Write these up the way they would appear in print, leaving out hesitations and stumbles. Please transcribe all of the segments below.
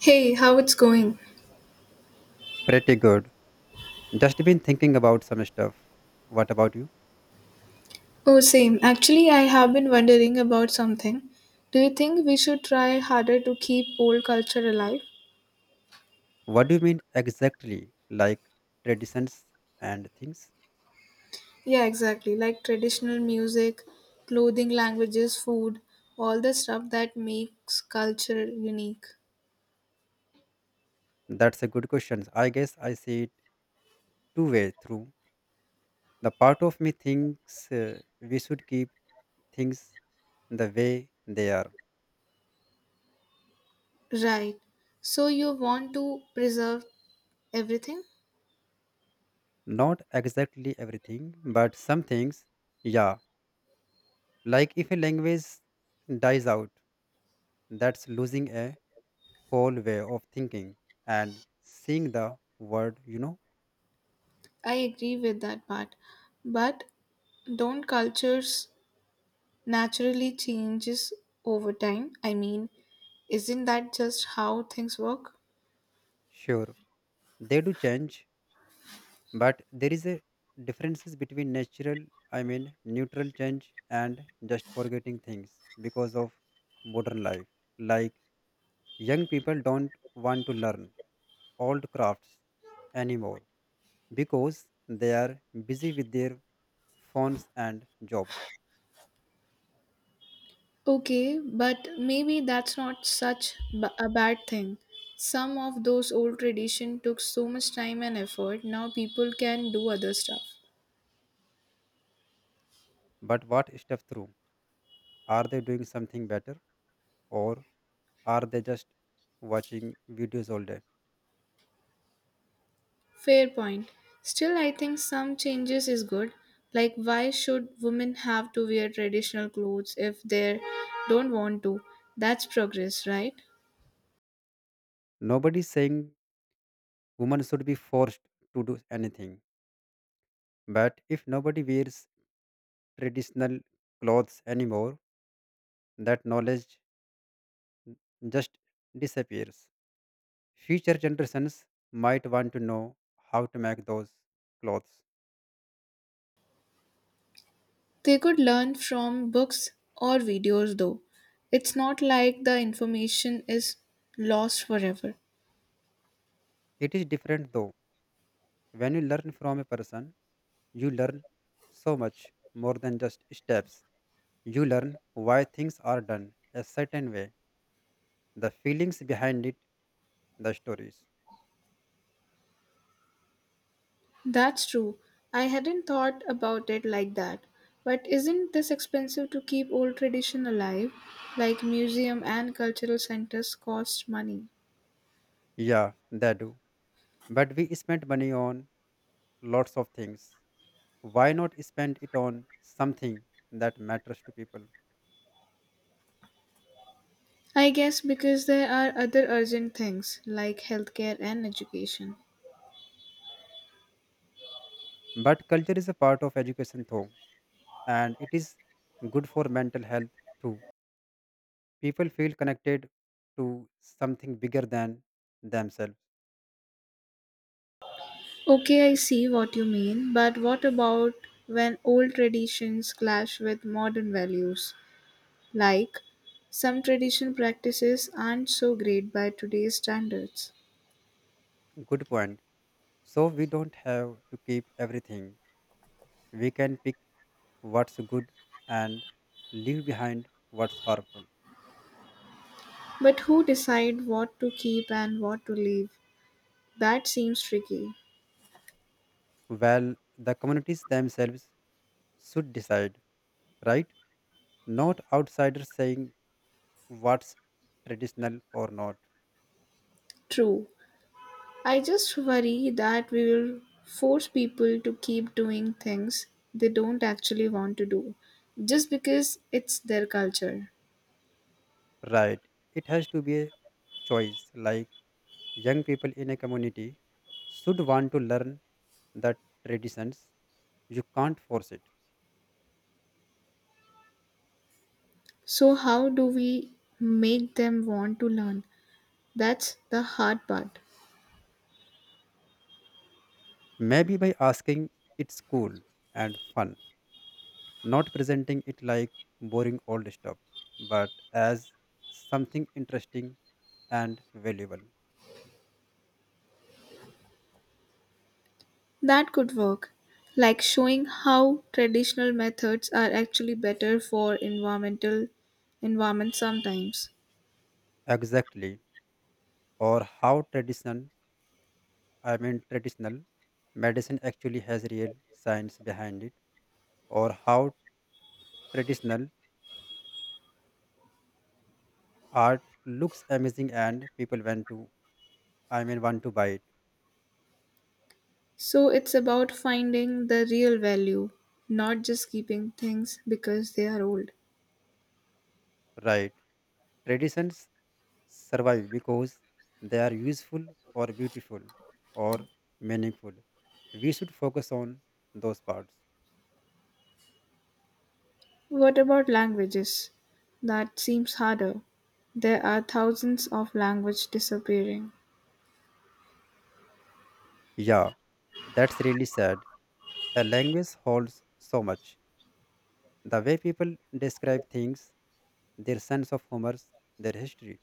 Hey, how it's going? Pretty good. Just been thinking about some stuff. What about you? Oh, same. Actually, I have been wondering about something. Do you think we should try harder to keep old culture alive? What do you mean exactly? Like traditions and things? Yeah, exactly. Like traditional music, clothing, languages, food, all the stuff that makes culture unique. That's a good question. I guess I see it two-way through. The part of me thinks we should keep things the way they are. Right. So you want to preserve everything? Not exactly everything, but some things, yeah. Like if a language dies out, that's losing a whole way of thinking and seeing the world, you know? I agree with that part. But don't cultures naturally changes over time. Isn't that just how things work? Sure. They do change, but there is a differences between natural, I mean neutral change and just forgetting things because of modern life. Like young people don't want to learn old crafts anymore because they are busy with their phones and jobs. Okay, but maybe that's not such a bad thing. Some of those old tradition took so much time and effort. Now people can do other stuff. But what stuff through? Are they doing something better or are they just watching videos all day? Fair point. Still, I think some changes is good. Like, why should women have to wear traditional clothes if they don't want to? That's progress, right? Nobody's saying women should be forced to do anything. But if nobody wears traditional clothes anymore, that knowledge just disappears. Future generations might want to know how to make those clothes. They could learn from books or videos though. It's not like the information is lost forever. It is different though. When you learn from a person, you learn so much more than just steps. You learn why things are done a certain way, the feelings behind it, the stories. That's true. I hadn't thought about it like that. But isn't this expensive to keep old tradition alive? Like museum and cultural centers cost money. Yeah, they do. But we spent money on lots of things, why not spend it on something that matters to people? I guess because there are other urgent things like healthcare and education. But culture is a part of education, though, and it is good for mental health too. People feel connected to something bigger than themselves. Okay, I see what you mean, but what about when old traditions clash with modern values? Like, some traditional practices aren't so great by today's standards. Good point. So we don't have to keep everything. We can pick what's good and leave behind what's harmful. But who decide what to keep and what to leave? That seems tricky. Well, the communities themselves should decide, right? Not outsiders saying what's traditional or not. True. I just worry that we will force people to keep doing things they don't actually want to do just because it's their culture. Right, it has to be a choice, like young people in a community should want to learn the traditions, you can't force it. So, how do we make them want to learn? That's the hard part. Maybe by asking it's cool and fun, not presenting it like boring old stuff, but as something interesting and valuable. That could work, like showing how traditional methods are actually better for environment sometimes. Exactly, or how traditional medicine actually has real science behind it, or how traditional art looks amazing and people want to buy it. So it's about finding the real value, not just keeping things because they are old. Right. Traditions survive because they are useful or beautiful or meaningful. We should focus on those parts. What about languages? That seems harder. There are thousands of languages disappearing. Yeah, that's really sad. A language holds so much. The way people describe things, their sense of humor, their history.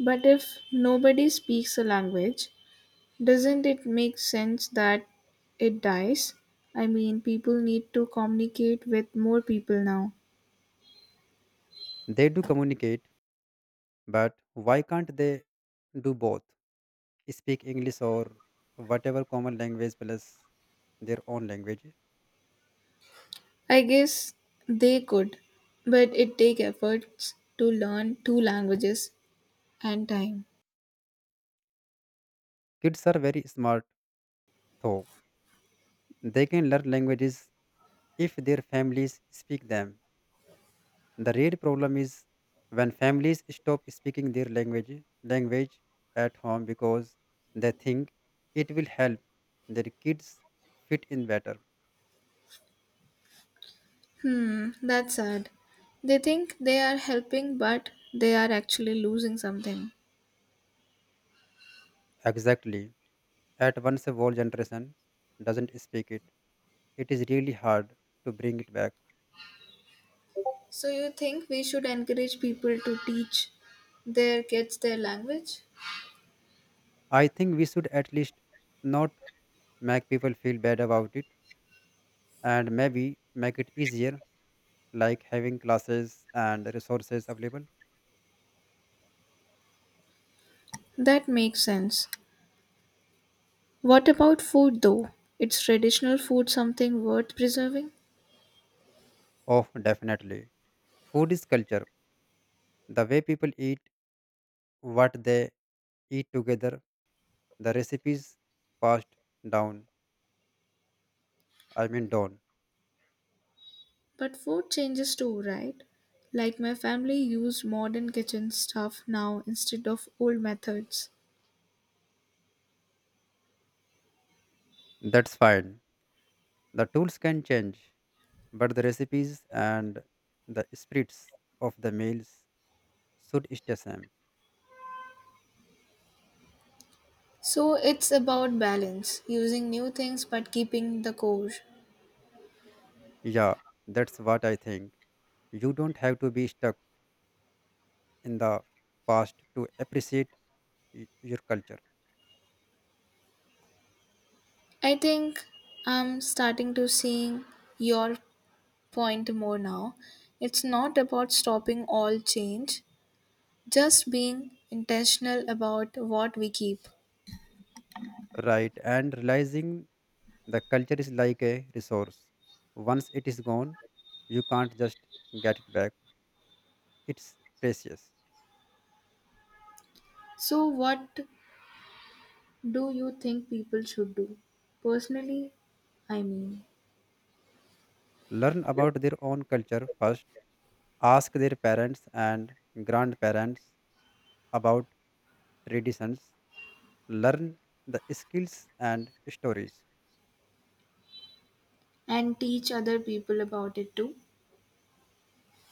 But if nobody speaks a language, doesn't it make sense that it dies? People need to communicate with more people now. They do communicate, but why can't they do both? Speak English or whatever common language plus their own language. I guess they could, but it takes efforts to learn two languages and time. Kids are very smart, though. They can learn languages if their families speak them. The real problem is when families stop speaking their language at home because they think it will help their kids fit in better. Hmm, that's sad. They think they are helping, but they are actually losing something. Exactly. At once a whole generation doesn't speak it. It is really hard to bring it back. So, you think we should encourage people to teach their kids their language? I think we should at least not make people feel bad about it, and maybe make it easier, like having classes and resources available. That makes sense. What about food though? It's traditional food something worth preserving? Oh, definitely. Food is culture. The way people eat, what they eat together, the recipes passed down. I mean, down. But food changes too, right? Like my family used modern kitchen stuff now instead of old methods. That's fine. The tools can change, but the recipes and the spirits of the meals should stay same. So it's about balance, using new things but keeping the core. Yeah, that's what I think. You don't have to be stuck in the past to appreciate your culture, I think I'm starting to seeing your point more now. It's not about stopping all change, just being intentional about what we keep. right? And realizing the culture is like a resource. Once it is gone, you can't just get it back. It's precious. So what do you think people should do? Personally, I mean, Learn about their own culture first. Ask their parents and grandparents about traditions. Learn the skills and stories. and teach other people about it too,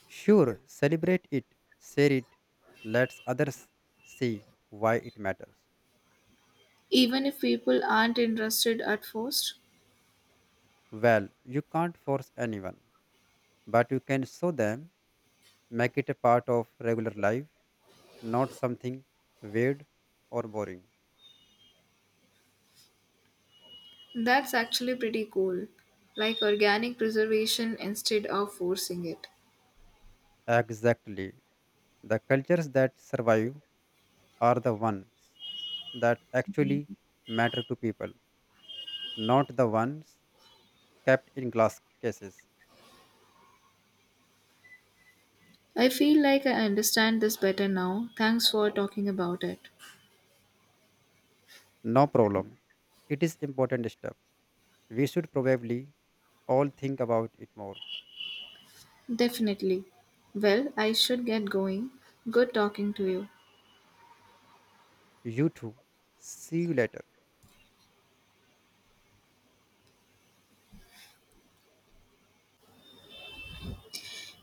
Sure, celebrate it, share it, let others see why it matters. even if people aren't interested at first. Well, you can't force anyone, but you can show them, make it a part of regular life, not something weird or boring. That's actually pretty cool, like organic preservation instead of forcing it. Exactly. The cultures that survive are the ones that actually matter to people, not the ones kept in glass cases. I feel like I understand this better now. Thanks for talking about it. No problem. It is important step. We should probably all think about it more. Definitely. Well, I should get going. Good talking to you. You too. See you later.